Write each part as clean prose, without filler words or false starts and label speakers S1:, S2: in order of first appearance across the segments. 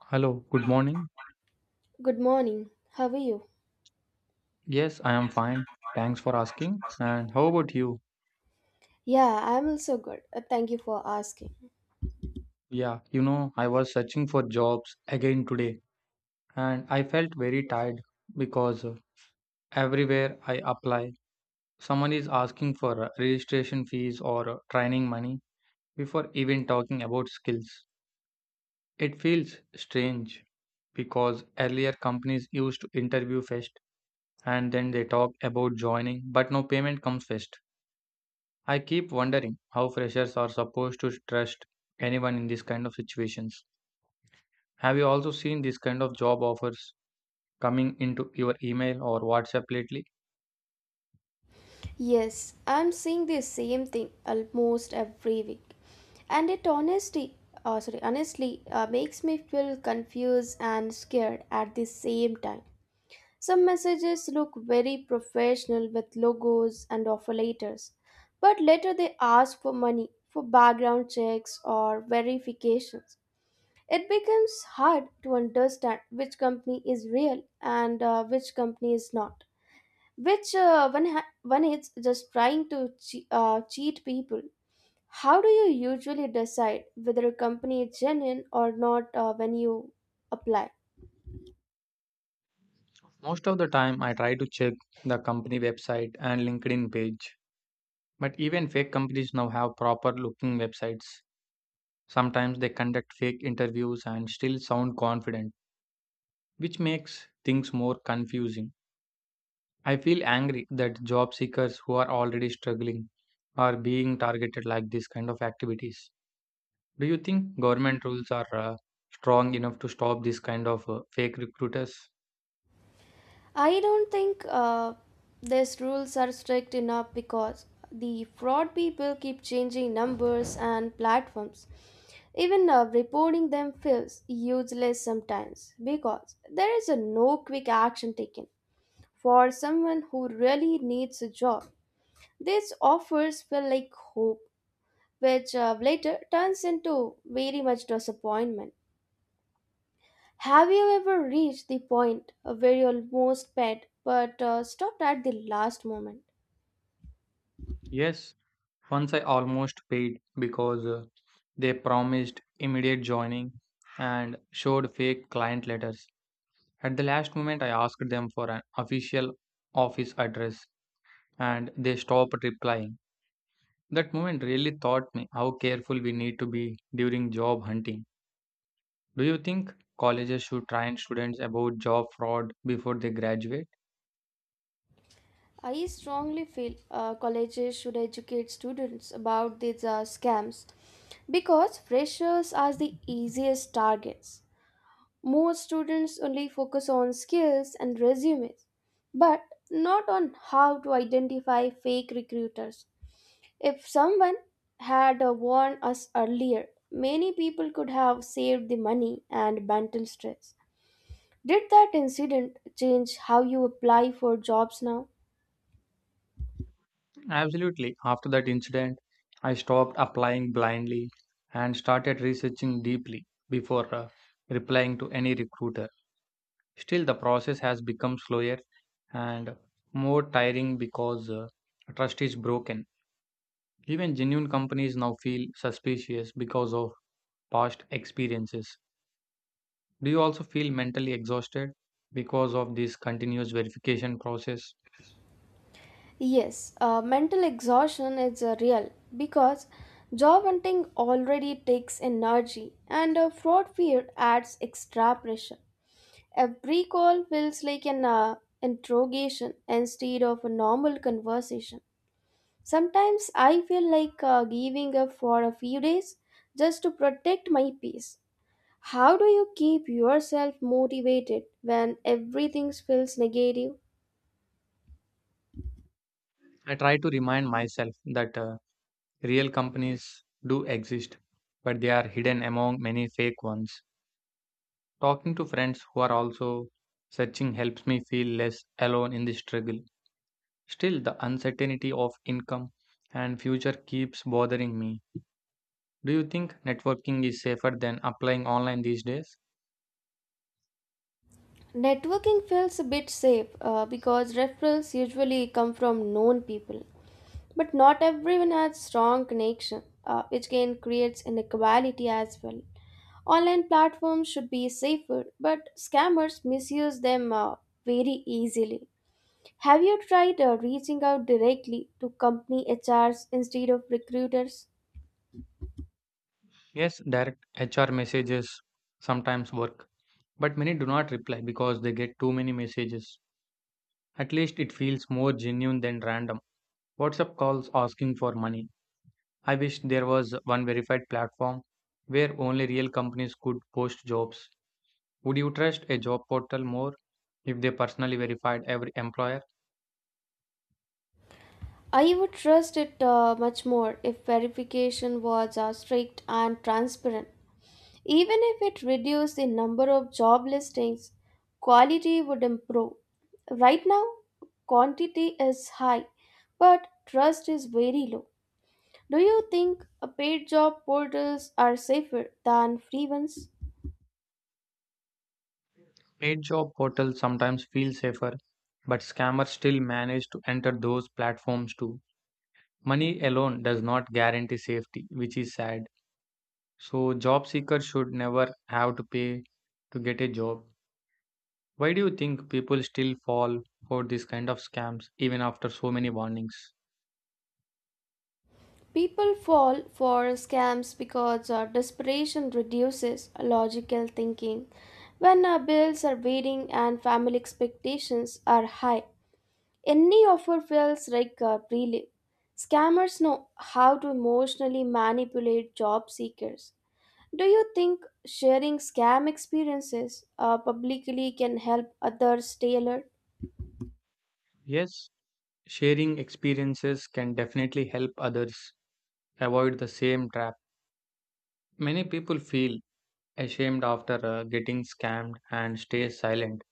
S1: Hello, good morning.
S2: Good morning. How are you?
S1: Yes, I am fine. Thanks for asking. And how about you?
S2: Yeah, I'm also good. Thank you for asking.
S1: Yeah, I was searching for jobs again today and I felt very tired because everywhere I apply, someone is asking for registration fees or training money before even talking about skills. It feels strange because earlier companies used to interview first and then they talk about joining, but no payment comes first. I keep wondering how freshers are supposed to trust anyone in these kind of situations. Have you also seen these kind of job offers coming into your email or WhatsApp lately?
S2: Yes, I'm seeing the same thing almost every week. And it honestly, makes me feel confused and scared at the same time. Some messages look very professional with logos and offer letters, but later they ask for money for background checks or verifications. It becomes hard to understand which company is real and which company is not. Which one is just trying to cheat people. How do you usually decide whether a company is genuine or not when you apply?
S1: Most of the time, I try to check the company website and LinkedIn page. But even fake companies now have proper looking websites. Sometimes they conduct fake interviews and still sound confident, which makes things more confusing. I feel angry that job seekers who are already struggling are being targeted like this kind of activities. Do you think government rules are strong enough to stop this kind of fake recruiters?
S2: I don't think these rules are strict enough because the fraud people keep changing numbers and platforms. Even reporting them feels useless sometimes because there is a no quick action taken. For someone who really needs a job, these offers feel like hope, which later turns into very much disappointment. Have you ever reached the point where you almost paid but stopped at the last moment?
S1: Yes, once I almost paid because they promised immediate joining and showed fake client letters. At the last moment, I asked them for an official office address and they stopped replying. That moment really taught me how careful we need to be during job hunting. Do you think colleges should train students about job fraud before they graduate?
S2: I strongly feel colleges should educate students about these scams because freshers are the easiest targets. Most students only focus on skills and resumes, but not on how to identify fake recruiters. If someone had warned us earlier, many people could have saved the money and mental stress. Did that incident change how you apply for jobs now?
S1: Absolutely. After that incident, I stopped applying blindly and started researching deeply before replying to any recruiter. Still, the process has become slower and more tiring because trust is broken. Even genuine companies now feel suspicious because of past experiences. Do you also feel mentally exhausted because of this continuous verification process?
S2: Yes, mental exhaustion is real because job hunting already takes energy and fraud fear adds extra pressure. Every call feels like an interrogation instead of a normal conversation. Sometimes I feel like giving up for a few days just to protect my peace. How do you keep yourself motivated when everything feels negative?
S1: I try to remind myself that real companies do exist, but they are hidden among many fake ones. Talking to friends who are also searching helps me feel less alone in this struggle. Still, the uncertainty of income and future keeps bothering me. Do you think networking is safer than applying online these days?
S2: Networking feels a bit safe because referrals usually come from known people, but not everyone has strong connection, which can create inequality as well. Online platforms should be safer, but scammers misuse them very easily. Have you tried reaching out directly to company HRs instead of recruiters?
S1: Yes, direct HR messages sometimes work. But many do not reply because they get too many messages. At least it feels more genuine than random WhatsApp calls asking for money. I wish there was one verified platform where only real companies could post jobs. Would you trust a job portal more if they personally verified every employer?
S2: I would trust it much more if verification was strict and transparent. Even if it reduced the number of job listings, quality would improve. Right now, quantity is high, but trust is very low. Do you think paid job portals are safer than free ones?
S1: Paid job portals sometimes feel safer, but scammers still manage to enter those platforms too. Money alone does not guarantee safety, which is sad. So job seekers should never have to pay to get a job. Why do you think people still fall for this kind of scams even after so many warnings?
S2: People fall for scams because desperation reduces logical thinking. When our bills are waiting and family expectations are high, any offer feels like a relief. Scammers know how to emotionally manipulate job seekers. Do you think sharing scam experiences publicly can help others tailor?
S1: Yes, sharing experiences can definitely help others avoid the same trap. Many people feel ashamed after getting scammed and stay silent,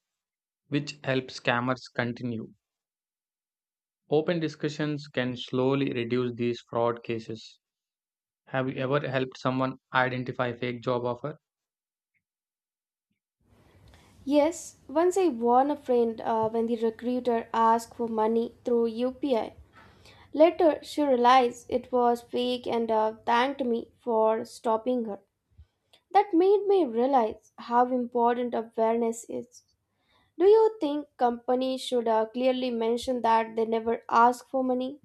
S1: which helps scammers continue. Open discussions can slowly reduce these fraud cases. Have you ever helped someone identify fake job offer?
S2: Yes, once I warned a friend when the recruiter asked for money through UPI. Later, she realized it was fake and thanked me for stopping her. That made me realize how important awareness is. Do you think companies should clearly mention that they never ask for money?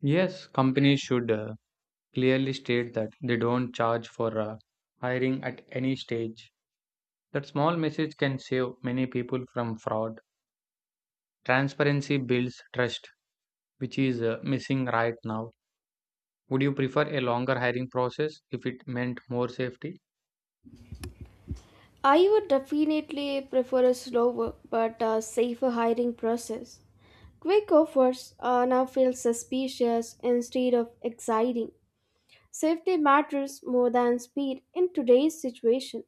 S1: Yes, companies should clearly state that they don't charge for hiring at any stage. That small message can save many people from fraud. Transparency builds trust, which is missing right now. Would you prefer a longer hiring process if it meant more safety?
S2: I would definitely prefer a slower but safer hiring process. Quick offers now feel suspicious instead of exciting. Safety matters more than speed in today's situation.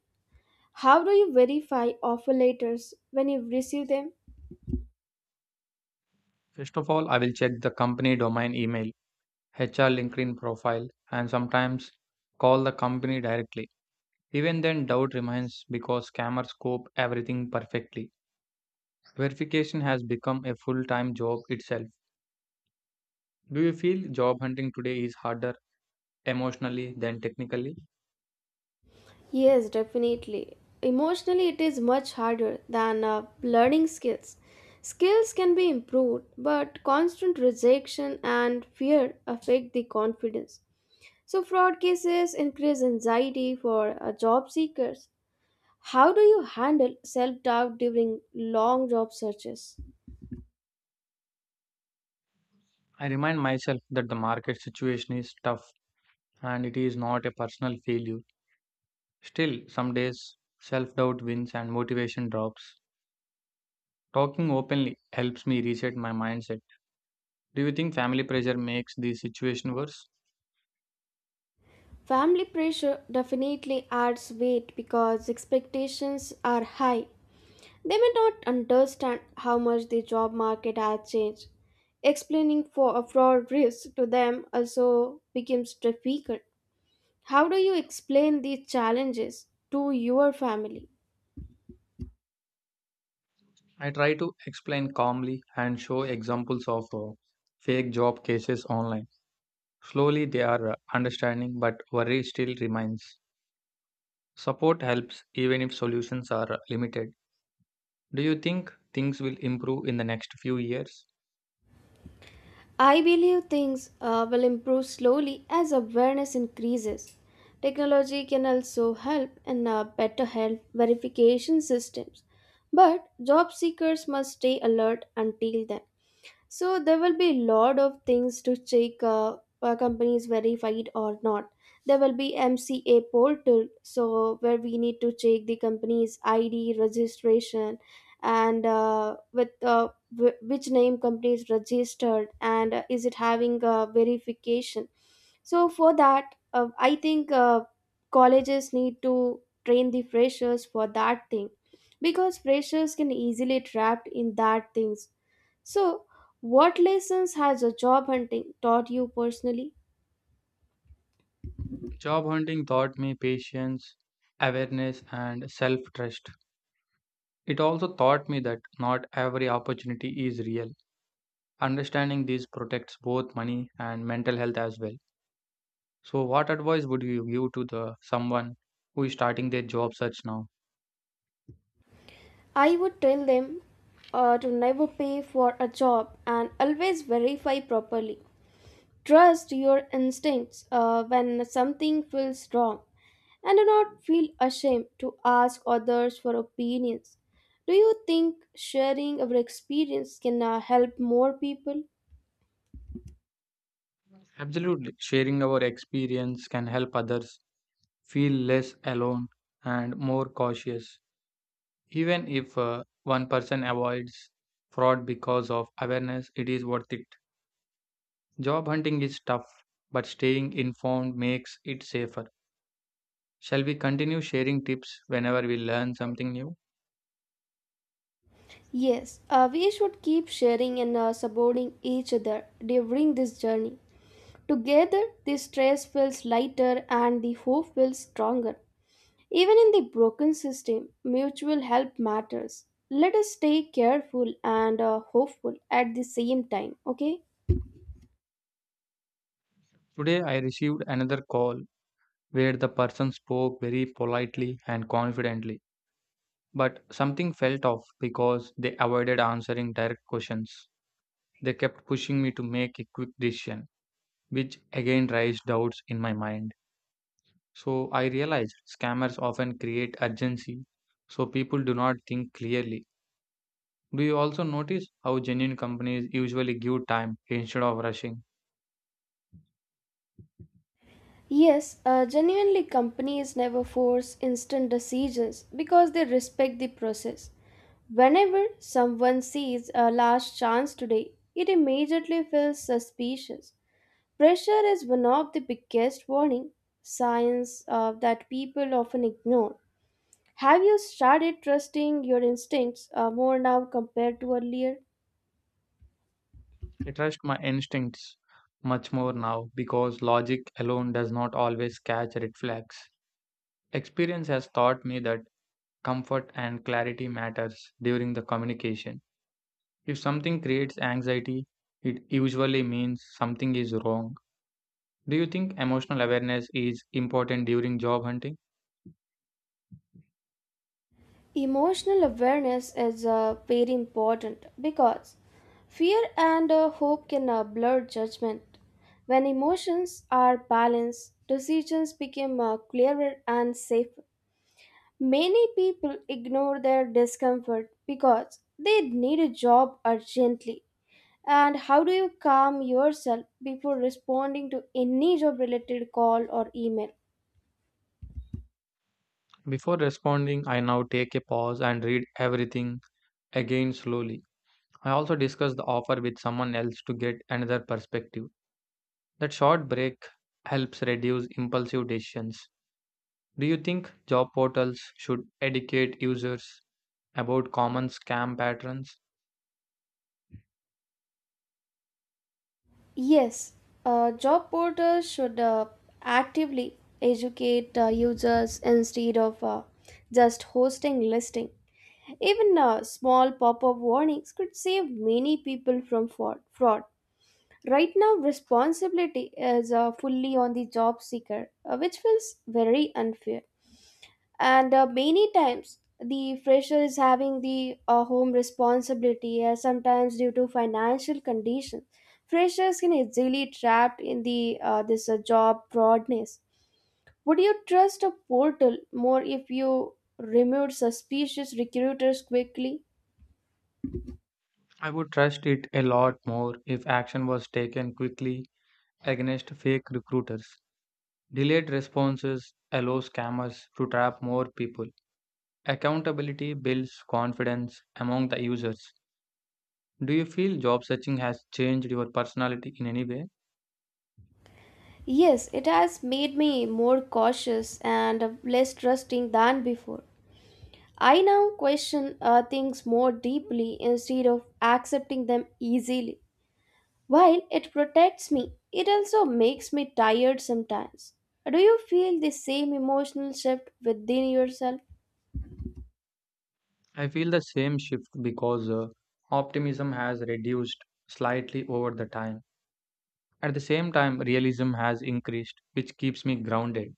S2: How do you verify offer letters when you receive them?
S1: First of all, I will check the company domain email, HR LinkedIn profile, and sometimes call the company directly. Even then, doubt remains because scammers scope everything perfectly. Verification has become a full time job itself. Do you feel job hunting today is harder emotionally than technically?
S2: Yes, definitely. Emotionally, it is much harder than learning skills. Skills can be improved, but constant rejection and fear affect the confidence. So, fraud cases increase anxiety for job seekers. How do you handle self doubt during long job searches?
S1: I remind myself that the market situation is tough and it is not a personal failure. Still, some days self doubt wins and motivation drops. Talking openly helps me reset my mindset. Do you think family pressure makes the situation worse?
S2: Family pressure definitely adds weight because expectations are high. They may not understand how much the job market has changed. Explaining for a fraud risk to them also becomes difficult. How do you explain these challenges to your family?
S1: I try to explain calmly and show examples of fake job cases online. Slowly they are understanding, but worry still remains. Support helps even if solutions are limited. Do you think things will improve in the next few years?
S2: I believe things will improve slowly as awareness increases. Technology can also help in better health verification systems, but job seekers must stay alert until then. So there will be lot of things to check a company is verified or not. There will be MCA portal, so where we need to check the company's ID, registration, and which name company is registered and is it having a verification. So for that, I think colleges need to train the freshers for that thing because freshers can easily trapped in that things so, what lessons has a job hunting taught you personally?
S1: Job hunting taught me patience, awareness, and self trust. It also taught me that not every opportunity is real. Understanding this protects both money and mental health as well. So, what advice would you give to the someone who is starting their job search now?
S2: I would tell them to never pay for a job and always verify properly. Trust your instincts when something feels wrong and do not feel ashamed to ask others for opinions. Do you think sharing our experience can help more people?
S1: Absolutely, sharing our experience can help others feel less alone and more cautious. Even if one person avoids fraud because of awareness, it is worth it. Job hunting is tough, but staying informed makes it safer. Shall we continue sharing tips whenever we learn something new?
S2: Yes, we should keep sharing and supporting each other during this journey. Together, the stress feels lighter and the hope feels stronger. Even in the broken system, mutual help matters. Let us stay careful and hopeful at the same time, okay?
S1: Today, I received another call where the person spoke very politely and confidently, but something felt off because they avoided answering direct questions. They kept pushing me to make a quick decision, which again raised doubts in my mind. So I realized scammers often create urgency so people do not think clearly. Do you also notice how genuine companies usually give time instead of rushing?
S2: Yes, genuinely, companies never force instant decisions because they respect the process. Whenever someone sees a last chance today, it immediately feels suspicious. Pressure is one of the biggest warning signs that people often ignore. Have you started trusting your instincts more now compared to earlier?
S1: I trust my instincts much more now because logic alone does not always catch red flags. Experience has taught me that comfort and clarity matters during the communication. If something creates anxiety, it usually means something is wrong. Do you think emotional awareness is important during job hunting?
S2: Emotional awareness is very important because fear and hope can blur judgment. When emotions are balanced, decisions become clearer and safer. Many people ignore their discomfort because they need a job urgently And How do you calm yourself before responding to any job related call or email?
S1: Before responding, I now take a pause and read everything again slowly. I also discuss the offer with someone else to get another perspective. That short break helps reduce impulsive decisions. Do you think job portals should educate users about common scam patterns?
S2: Yes, job portals should actively educate users instead of just hosting listing. Even small pop-up warnings could save many people from fraud. Right now, responsibility is fully on the job seeker, which feels very unfair. And many times the fresher is having the home responsibility sometimes due to financial conditions. Freshers can easily trapped in the this job broadness. Would you trust a portal more if you removed suspicious recruiters quickly?
S1: I would trust it a lot more if action was taken quickly against fake recruiters. Delayed responses allow scammers to trap more people. Accountability builds confidence among the users. Do you feel job searching has changed your personality in any way?
S2: Yes, it has made me more cautious and less trusting than before. I now question things more deeply instead of accepting them easily. While it protects me, it also makes me tired sometimes. Do you feel the same emotional shift within yourself?
S1: I feel the same shift because optimism has reduced slightly over the time. At the same time, realism has increased, which keeps me grounded.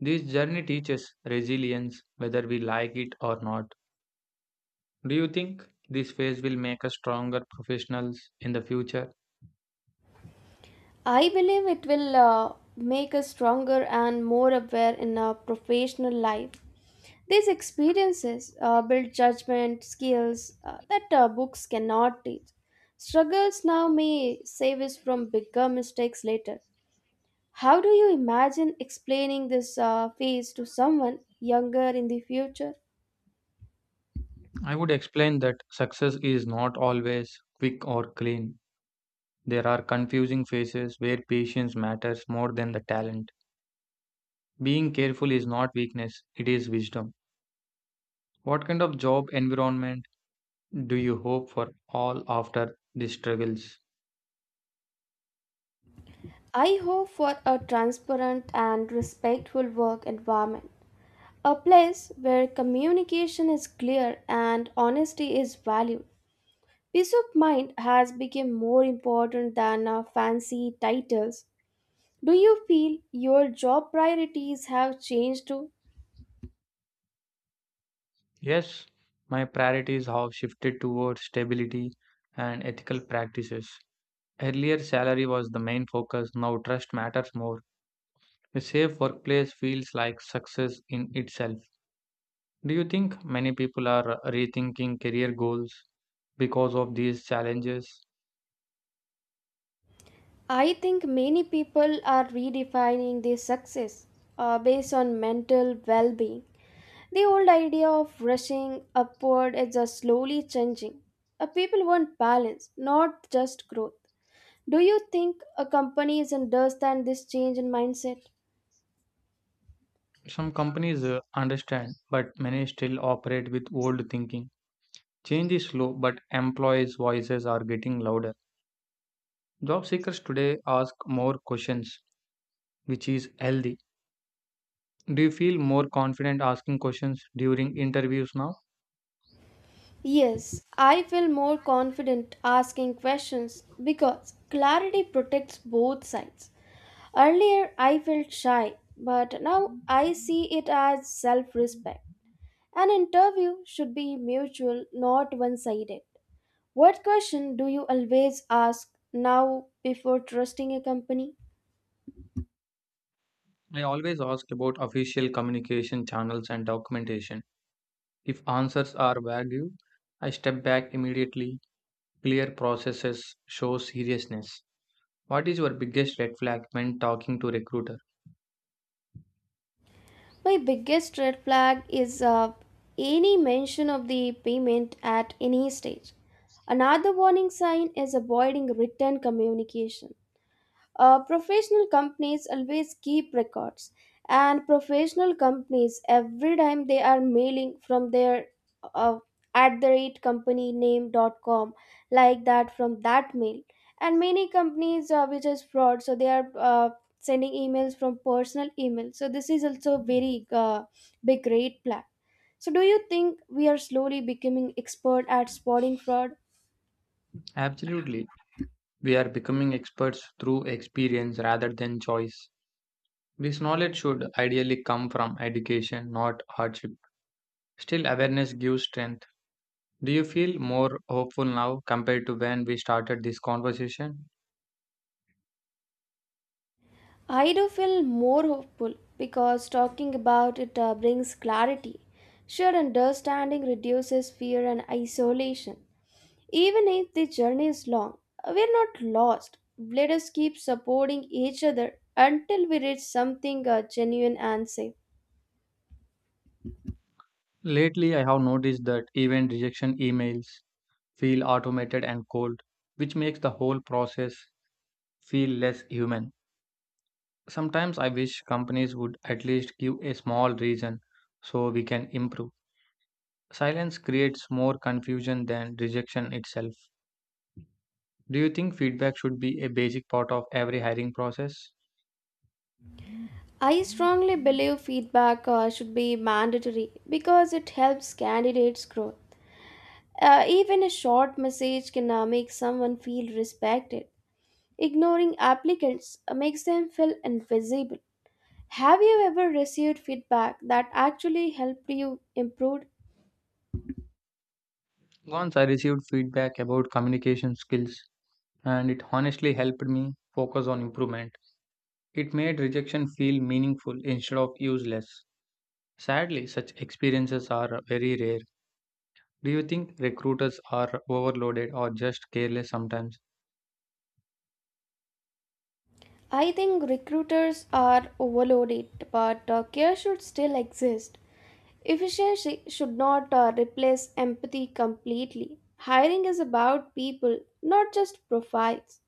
S1: This journey teaches resilience whether we like it or not. Do you think this phase will make us stronger professionals in the future?
S2: I believe it will make us stronger and more aware in our professional life. These experiences build judgment, skills that books cannot teach. Struggles now may save us from bigger mistakes later. How do you imagine explaining this phase to someone younger in the future?
S1: I would explain that success is not always quick or clean. There are confusing phases where patience matters more than the talent. Being careful is not weakness, it is wisdom. What kind of job environment do you hope for all after these struggles?
S2: I hope for a transparent and respectful work environment, a place where communication is clear and honesty is valued. Peace of mind has become more important than fancy titles. Do you feel your job priorities have changed too?
S1: Yes, my priorities have shifted towards stability and ethical practices. Earlier, salary was the main focus, now, trust matters more. A safe workplace feels like success in itself. Do you think many people are rethinking career goals because of these challenges?
S2: I think many people are redefining their success based on mental well being The Old idea of rushing upward is just slowly changing. People want balance, not just growth. Do you think a company is understand this change in mindset?
S1: Some companies understand, but many still operate with old thinking. Change is slow, but employees' voices are getting louder. Job seekers today ask more questions, which is healthy. Do you feel more confident asking questions during interviews now?
S2: Yes, I feel more confident asking questions because clarity protects both sides. Earlier, I felt shy, but now I see it as self respect. An interview should be mutual, not one sided. What question do you always ask now before trusting a company?
S1: I always ask about official communication channels and documentation. If answers are vague, I step back immediately. Clear processes show seriousness. What is your biggest red flag when talking to recruiter?
S2: My biggest red flag is any mention of the payment at any stage. Another warning sign is avoiding written communication. Professional companies always keep records, and professional companies every time they are mailing from their uh, @companyname.com, like that, from that mail. And many companies which is fraud, so they are sending emails from personal email. So this is also a very big red flag. So do you think we are slowly becoming expert at spotting fraud?
S1: Absolutely. We are becoming experts through experience rather than choice. This knowledge should ideally come from education, not hardship. Still, awareness gives strength. Do you feel more hopeful now compared to when we started this conversation?
S2: I do feel more hopeful because talking about it brings clarity. Shared understanding reduces fear and isolation. Even if the journey is long, we're not lost. Let us keep supporting each other until we reach something genuine and safe.
S1: Lately, I have noticed that even rejection emails feel automated and cold, which makes the whole process feel less human. Sometimes I wish companies would at least give a small reason so we can improve. Silence creates more confusion than rejection itself. Do you think feedback should be a basic part of every hiring process?
S2: I strongly believe feedback should be mandatory because it helps candidates grow. Even a short message can make someone feel respected. Ignoring applicants makes them feel invisible. Have you ever received feedback that actually helped you improve?
S1: Once I received feedback about communication skills, and it honestly helped me focus on improvement. It made rejection feel meaningful instead of useless. Sadly, such experiences are very rare. Do you think recruiters are overloaded or just careless sometimes?
S2: I think recruiters are overloaded, but care should still exist. Efficiency should not replace empathy completely. Hiring is about people, not just profiles.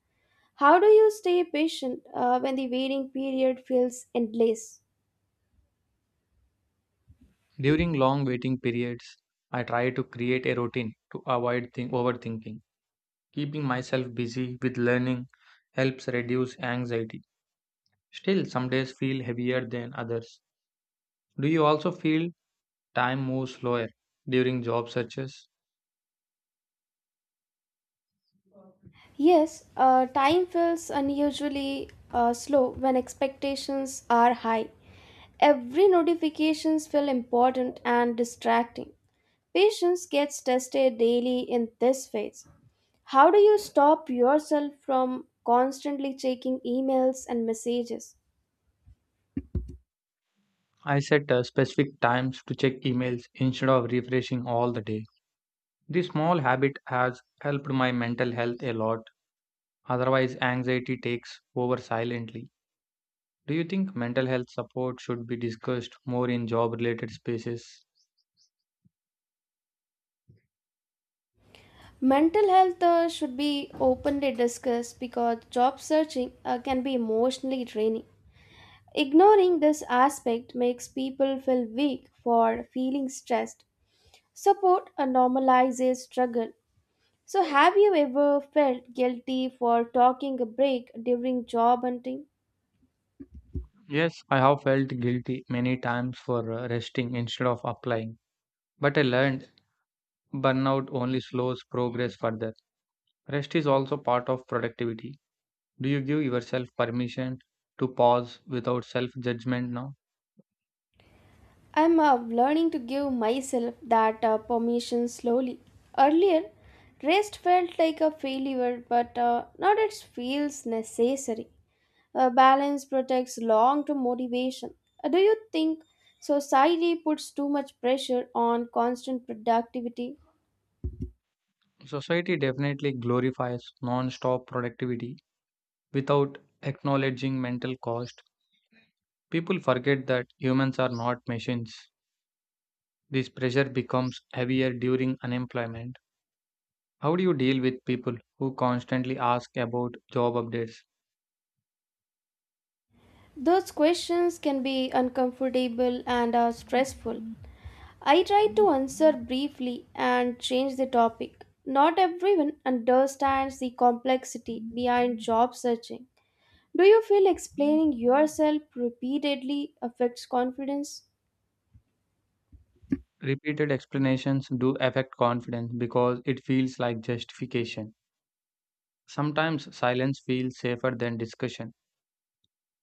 S2: How do you stay patient when the waiting period feels endless?
S1: During long waiting periods, I try to create a routine to avoid overthinking. Keeping myself busy with learning helps reduce anxiety. Still, some days feel heavier than others. Do you also feel time moves slower during job searches?
S2: Yes, time feels unusually slow when expectations are high. Every notifications feel important and distracting. Patience gets tested daily in this phase. How do you stop yourself from constantly checking emails and messages?
S1: I set specific times to check emails instead of refreshing all the day. This small habit has helped my mental health a lot. Otherwise, anxiety takes over silently. Do you think mental health support should be discussed more in job related spaces?
S2: Mental health should be openly discussed because job searching can be emotionally draining. Ignoring this aspect makes people feel weak for feeling stressed. Support normalizes struggle. So, have you ever felt guilty for talking a break during job hunting?
S1: Yes, I have felt guilty many times for resting instead of applying, but I learned burnout only slows progress further. Rest is also part of productivity. Do you give yourself permission to pause without self judgment now?
S2: I'm learning to give myself that permission slowly. Earlier, rest felt like a failure, but now it feels necessary. Balance protects long term motivation. Do you think society puts too much pressure on constant productivity?
S1: Society definitely glorifies non stop productivity without acknowledging mental cost. People forget that humans are not machines. This pressure becomes heavier during unemployment. How do you deal with people who constantly ask about job updates?
S2: Those questions can be uncomfortable and are stressful. I try to answer briefly and change the topic. Not everyone understands the complexity behind job searching. Do you feel explaining yourself repeatedly affects confidence?
S1: Repeated explanations do affect confidence because it feels like justification. Sometimes silence feels safer than discussion.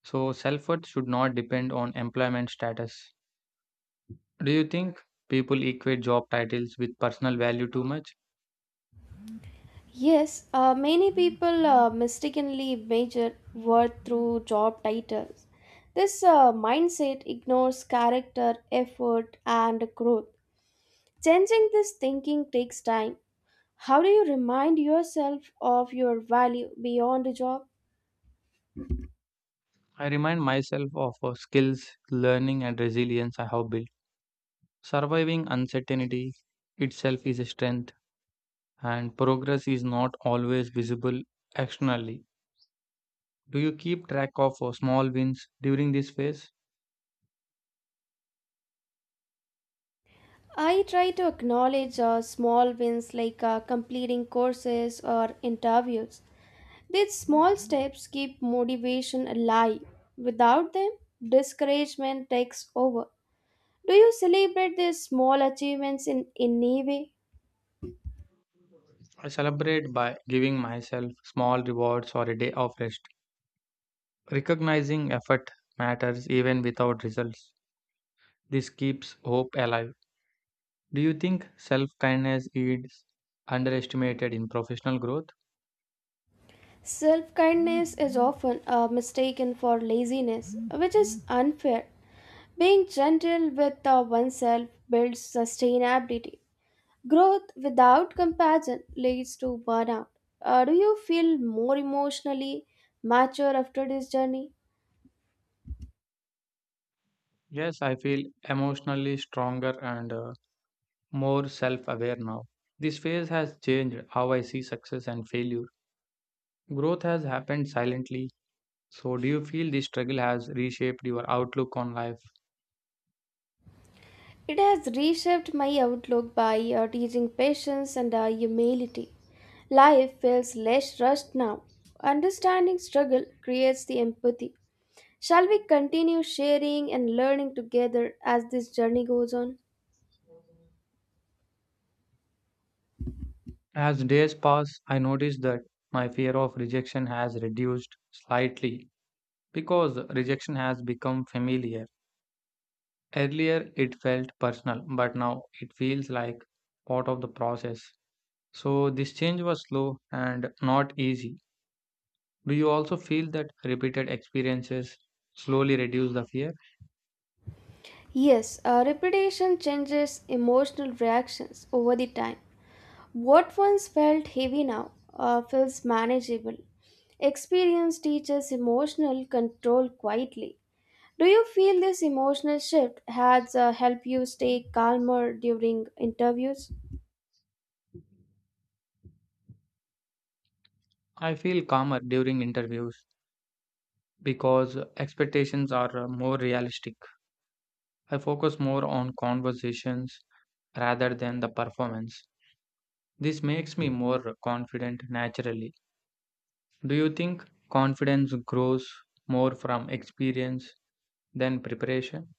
S1: So, self worth should not depend on employment status. Do you think people equate job titles with personal value too much?
S2: Yes, many people mistakenly measure worth through job titles. This mindset ignores character, effort, and growth. Changing this thinking takes time How Do you remind yourself of your value beyond a job?
S1: I remind myself of skills, learning, and resilience I have built. Surviving uncertainty itself is a strength and progress is not always visible externally. Do you keep track of small wins during this phase?
S2: I try to acknowledge small wins like completing courses or interviews. These small steps keep motivation alive. Without them, discouragement takes over. Do you celebrate these small achievements in any way?
S1: I celebrate by giving myself small rewards or a day of rest. Recognizing effort matters even without results. This keeps hope alive. Do you think self kindness is underestimated in professional growth?
S2: Self kindness is often mistaken for laziness, which is unfair. Being gentle with oneself builds sustainability. Growth without compassion leads to burnout. Do you feel more emotionally mature after this journey?
S1: Yes, I feel emotionally stronger and more self aware now. This phase has changed how I see success and failure. Growth has happened silently. So, do you feel this struggle has reshaped your outlook on life?
S2: It has reshaped my outlook by teaching patience and humility. Life feels less rushed now. Understanding struggle creates the empathy. Shall we continue sharing and learning together as this journey goes on?
S1: As days pass, I notice that my fear of rejection has reduced slightly because rejection has become familiar. Earlier, it felt personal, but now it feels like part of the process. So, this change was slow and not easy. Do you also feel that repeated experiences slowly reduce the fear?
S2: Yes, repetition changes emotional reactions over the time. What once felt heavy now feels manageable. Experience teaches emotional control quietly. Do you feel this emotional shift has helped you stay calmer during interviews?
S1: I feel calmer during interviews because expectations are more realistic. I focus more on conversations rather than the performance. This makes me more confident naturally. Do you think confidence grows more from experience than preparation?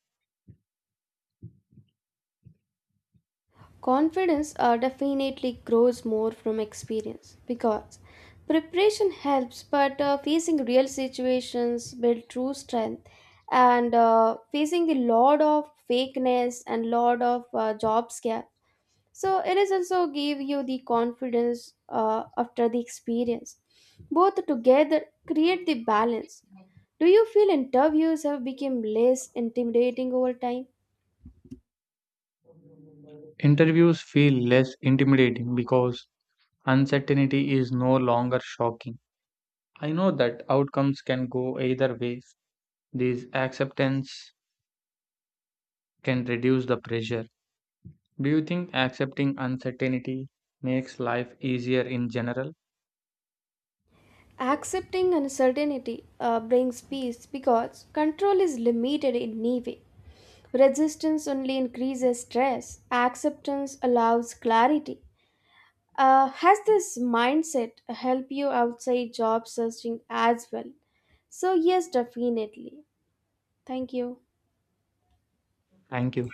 S2: Confidence definitely grows more from experience because preparation helps, but facing real situations build true strength. And facing the lot of fakeness and lot of job scare. It is also give you the confidence after the experience. Both together create the balance. Do you feel interviews have become less intimidating over time?
S1: Interviews feel less intimidating because uncertainty is no longer shocking. I know that outcomes can go either way. This acceptance can reduce the pressure. Do you think accepting uncertainty makes life easier in general?
S2: Accepting uncertainty brings peace because control is limited in any way. Resistance only increases stress. Acceptance allows clarity. Has this mindset help you outside job searching as well? So yes, definitely. Thank you.
S1: Thank you.